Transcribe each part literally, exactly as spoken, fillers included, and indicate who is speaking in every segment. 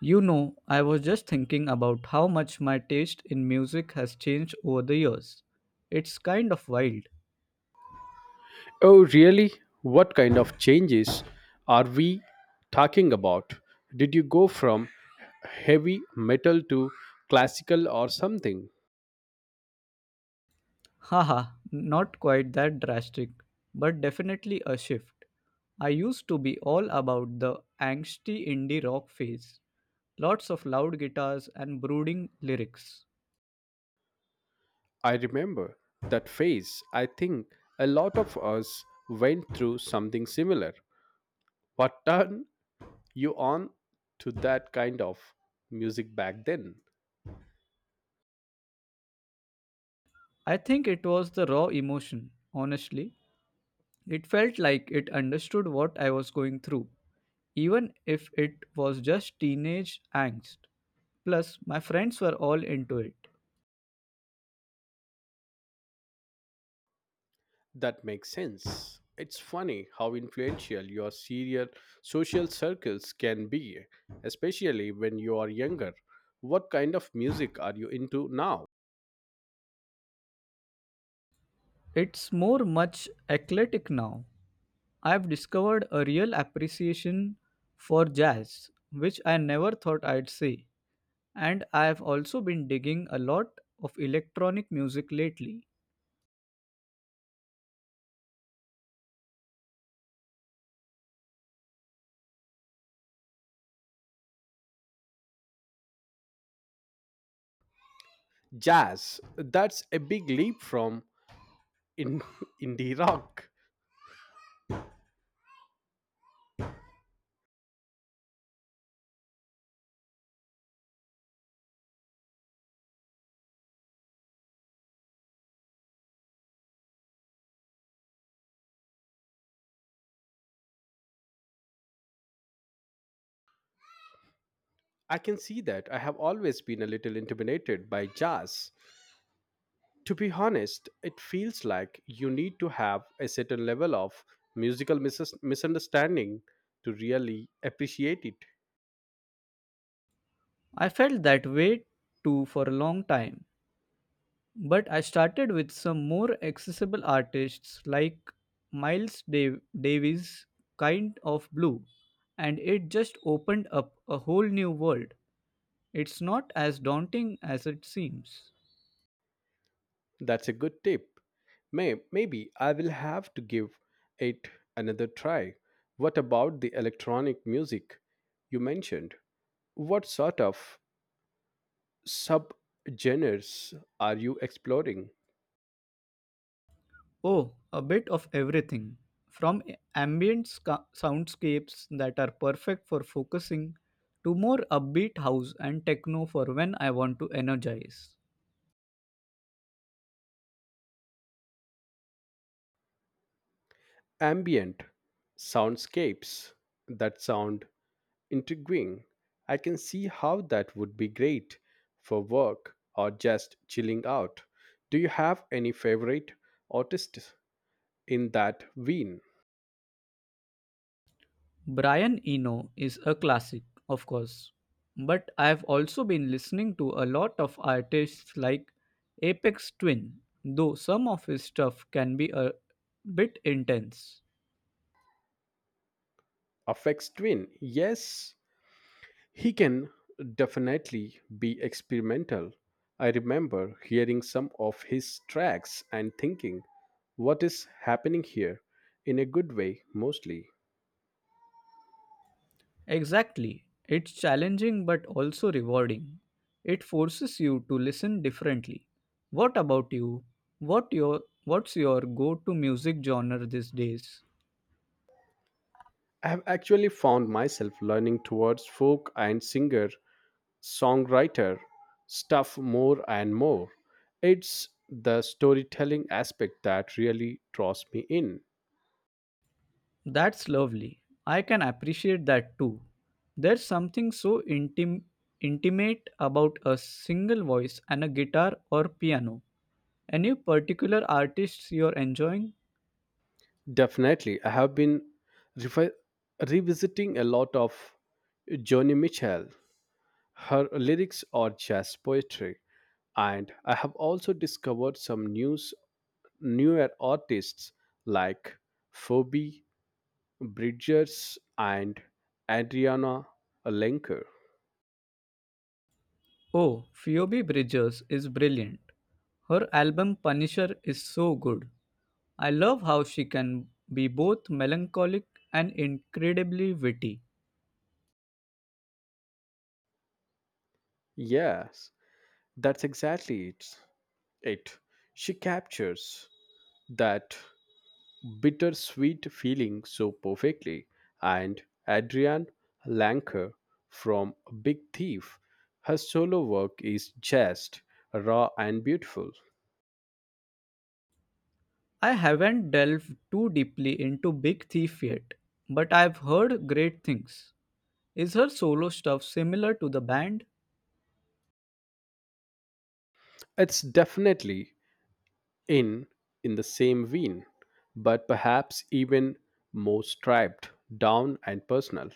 Speaker 1: You know, I was just thinking about how much my taste in music has changed over the years. It's kind of wild.
Speaker 2: Oh, really? What kind of changes are we talking about? Did you go from heavy metal to classical or something?
Speaker 1: Haha, not quite that drastic, but definitely a shift. I used to be all about the angsty indie rock phase, lots of loud guitars and brooding lyrics.
Speaker 2: I remember that phase. I think a lot of us went through something similar. What turned you on to that kind of music back then?
Speaker 1: I think it was the raw emotion, honestly. It felt like it understood what I was going through, even if it was just teenage angst. Plus, my friends were all into it.
Speaker 2: That makes sense. It's funny how influential your serial social circles can be, especially when you are younger. What kind of music are you into now?
Speaker 1: It's more much eclectic now. I've discovered a real appreciation for jazz, which I never thought I'd see. And I've also been digging a lot of electronic music lately.
Speaker 2: Jazz. That's a big leap from in indie rock. I can see that. I have always been a little intimidated by jazz. To be honest, it feels like you need to have a certain level of musical mis- misunderstanding to really appreciate it.
Speaker 1: I felt that way too for a long time. But I started with some more accessible artists like Miles Dav- Davis, Kind of Blue, and it just opened up a whole new world. It's not as daunting as it seems.
Speaker 2: That's a good tip. May, maybe I will have to give it another try. What about the electronic music you mentioned? What sort of subgenres are you exploring?
Speaker 1: Oh, a bit of everything. From ambient sca- soundscapes that are perfect for focusing to more upbeat house and techno for when I want to energize.
Speaker 2: Ambient, soundscapes that sound intriguing. I can see how that would be great for work or just chilling out. Do you have any favorite artists in that vein?
Speaker 1: Brian Eno is a classic, of course, but I've also been listening to a lot of artists like Apex Twin, though some of his stuff can be a bit intense.
Speaker 2: Affects twin, yes, he can definitely be experimental. I remember hearing some of his tracks and thinking, what is happening here, in a good way, mostly.
Speaker 1: Exactly. It's challenging but also rewarding. It forces you to listen differently. What about you? What your what's your go-to music genre these days?
Speaker 2: I have actually found myself learning towards folk and singer songwriter stuff more and more. It's the storytelling aspect that really draws me in.
Speaker 1: That's lovely. I can appreciate that too. There's something so intim- intimate about a single voice and a guitar or piano. Any particular artists you're enjoying?
Speaker 2: Definitely. I have been revi- revisiting a lot of Joni Mitchell. Her lyrics are jazz poetry, and I have also discovered some news, newer artists like Phoebe Bridgers and Adriana Lenker.
Speaker 1: Oh, Phoebe Bridgers is brilliant. Her album Punisher is so good. I love how she can be both melancholic and incredibly witty.
Speaker 2: Yes, that's exactly it. It she captures that bittersweet feeling so perfectly, and Adrian Lanker from Big Thief. Her solo work is just raw and beautiful.
Speaker 1: I haven't delved too deeply into Big Thief yet, but I've heard great things. Is her solo stuff similar to the band?
Speaker 2: It's definitely in in the same vein, but perhaps even more striped, down and personal.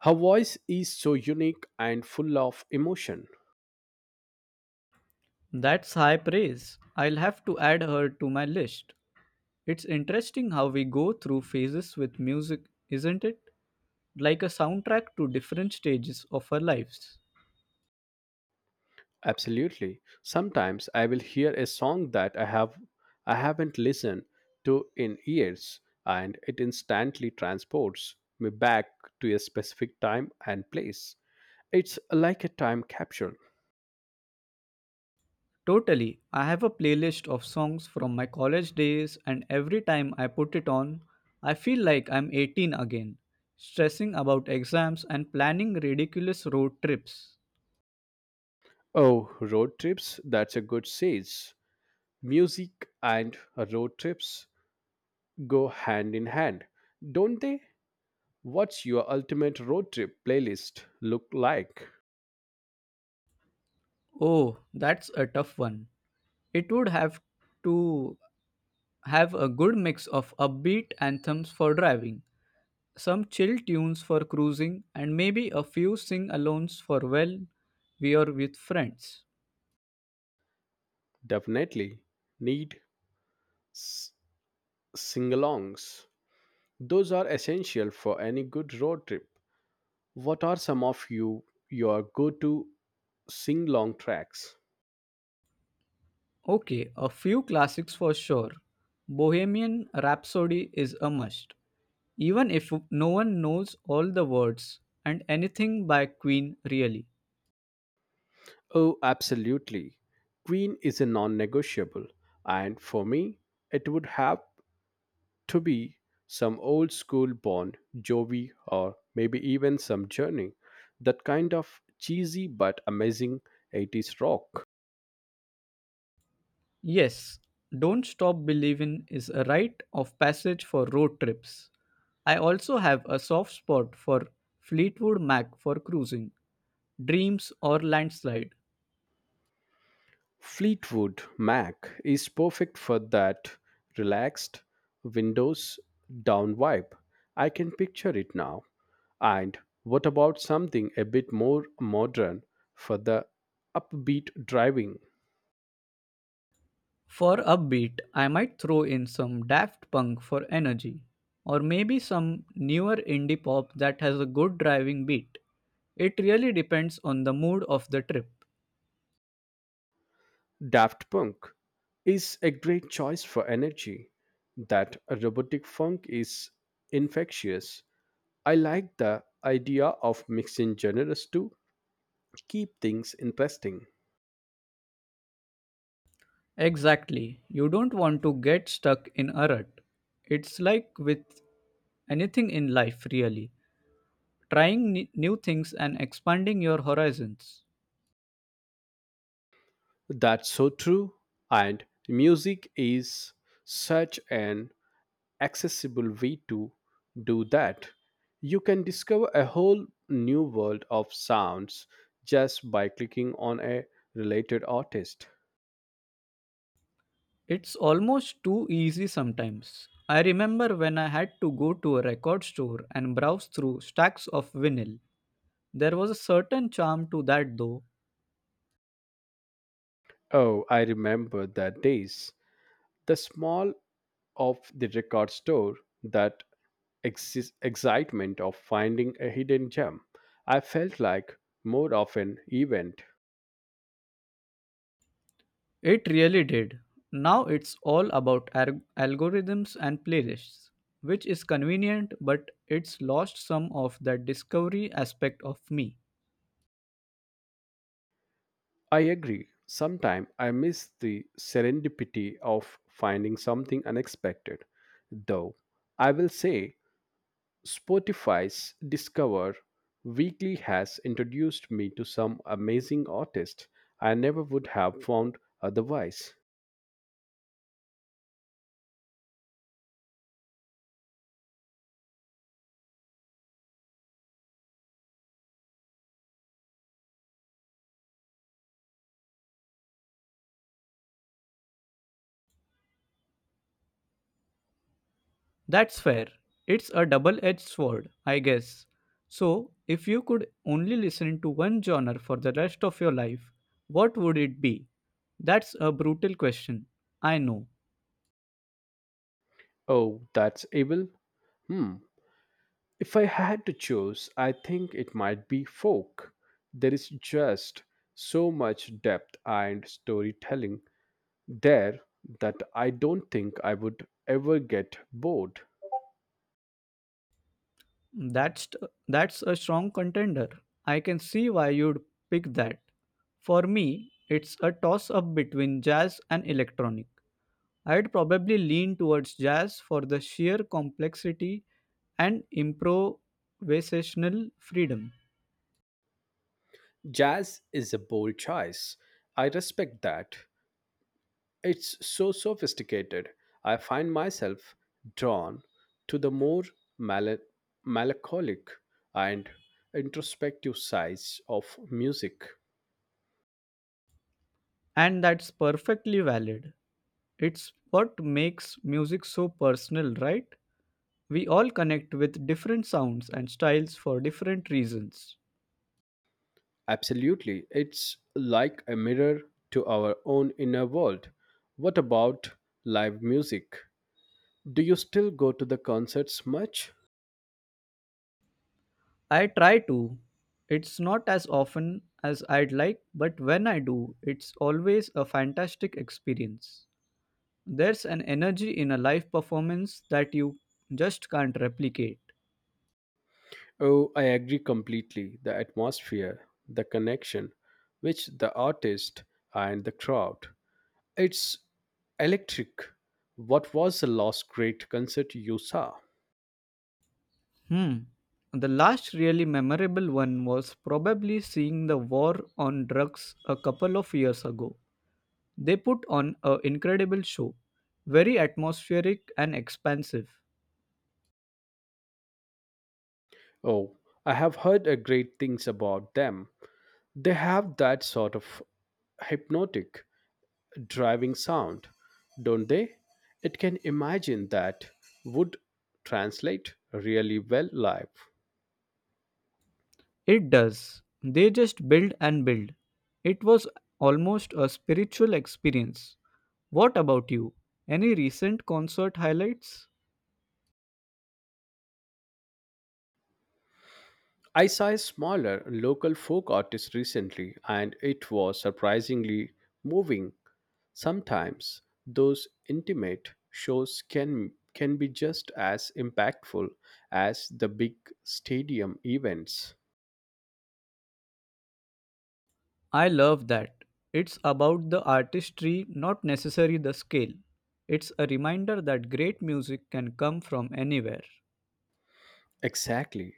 Speaker 2: Her voice is so unique and full of emotion.
Speaker 1: That's high praise. I'll have to add her to my list. It's interesting how we go through phases with music, isn't it? Like a soundtrack to different stages of our lives.
Speaker 2: Absolutely. Sometimes I will hear a song that I have I haven't listened to in years, and it instantly transports me back to a specific time and place. It's like a time capsule.
Speaker 1: Totally, I have a playlist of songs from my college days, and every time I put it on, I feel like I'm eighteen again, stressing about exams and planning ridiculous road trips.
Speaker 2: Oh, road trips, that's a good sage. Music and road trips go hand in hand, don't they? What's your ultimate road trip playlist look like?
Speaker 1: Oh, that's a tough one. It would have to have a good mix of upbeat anthems for driving, some chill tunes for cruising, and maybe a few sing alongs for when we are with friends.
Speaker 2: Definitely need s- sing alongs. Those are essential for any good road trip. What are some of you your go-to sing-long tracks?
Speaker 1: Okay, a few classics for sure. Bohemian Rhapsody is a must, even if no one knows all the words, and anything by Queen, really.
Speaker 2: Oh, absolutely. Queen is a non-negotiable, and for me, it would have to be some old school Bond, Jovi, or maybe even some Journey. That kind of cheesy but amazing eighties rock.
Speaker 1: Yes, Don't Stop Believin' is a rite of passage for road trips. I also have a soft spot for Fleetwood Mac for cruising, Dreams or Landslide.
Speaker 2: Fleetwood Mac is perfect for that relaxed, windows down vibe. I can picture it now. And what about something a bit more modern for the upbeat driving?
Speaker 1: For upbeat, I might throw in some Daft Punk for energy, or maybe some newer indie pop that has a good driving beat. It really depends on the mood of the trip.
Speaker 2: Daft Punk is a great choice for energy. That robotic funk is infectious. I like the idea of mixing genres to keep things interesting.
Speaker 1: Exactly, you don't want to get stuck in a rut. It's like with anything in life, really. Trying n- new things and expanding your horizons.
Speaker 2: That's so true. And music is such an accessible way to do that. You can discover a whole new world of sounds just by clicking on a related artist.
Speaker 1: It's almost too easy sometimes. I remember when I had to go to a record store and browse through stacks of vinyl. There was a certain charm to that, though.
Speaker 2: Oh, I remember the days. The small of the record store, that exis- excitement of finding a hidden gem. I felt like more of an event.
Speaker 1: It really did. Now it's all about ar- algorithms and playlists, which is convenient, but it's lost some of that discovery aspect of me.
Speaker 2: I agree. Sometimes I miss the serendipity of finding something unexpected. Though I will say Spotify's Discover Weekly has introduced me to some amazing artists I never would have found otherwise.
Speaker 1: That's fair. It's a double edged sword, I guess. So, if you could only listen to one genre for the rest of your life, what would it be? That's a brutal question. I know.
Speaker 2: Oh, that's evil? Hmm. If I had to choose, I think it might be folk. There is just so much depth and storytelling there that I don't think I would ever get bored.
Speaker 1: That's that's a strong contender. I can see why you'd pick that. For me, it's a toss up between jazz and electronic. I'd probably lean towards jazz for the sheer complexity and improvisational freedom.
Speaker 2: Jazz is a bold choice. I respect that. It's so sophisticated. I find myself drawn to the more mel- melancholic and introspective sides of music.
Speaker 1: And that's perfectly valid. It's what makes music so personal, right? We all connect with different sounds and styles for different reasons.
Speaker 2: Absolutely. It's like a mirror to our own inner world. What about live music? Do you still go to the concerts much?
Speaker 1: I try to. It's not as often as I'd like, but when I do, it's always a fantastic experience. There's an energy in a live performance that you just can't replicate.
Speaker 2: Oh, I agree completely. The atmosphere, the connection, which the artist and the crowd. It's electric. What was the last great concert you saw?
Speaker 1: Hmm. The last really memorable one was probably seeing the war on drugs a couple of years ago. They put on an incredible show, very atmospheric and expansive.
Speaker 2: Oh, I have heard uh, great things about them. They have that sort of hypnotic, driving sound, don't they? It can imagine that would translate really well live.
Speaker 1: It does. They just build and build. It was almost a spiritual experience. What about you? Any recent concert highlights?
Speaker 2: I saw a smaller local folk artist recently, and it was surprisingly moving. Sometimes those intimate shows can can be just as impactful as the big stadium events.
Speaker 1: I love that. It's about the artistry, not necessarily the scale. It's a reminder that great music can come from anywhere.
Speaker 2: Exactly.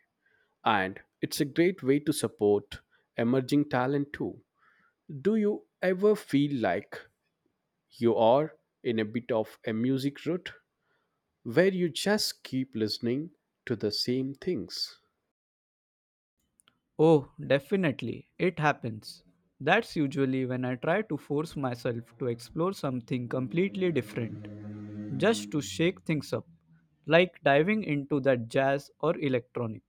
Speaker 2: And it's a great way to support emerging talent too. Do you ever feel like you are in a bit of a music rut where you just keep listening to the same things?
Speaker 1: Oh, definitely. It happens. That's usually when I try to force myself to explore something completely different, just to shake things up, like diving into that jazz or electronic.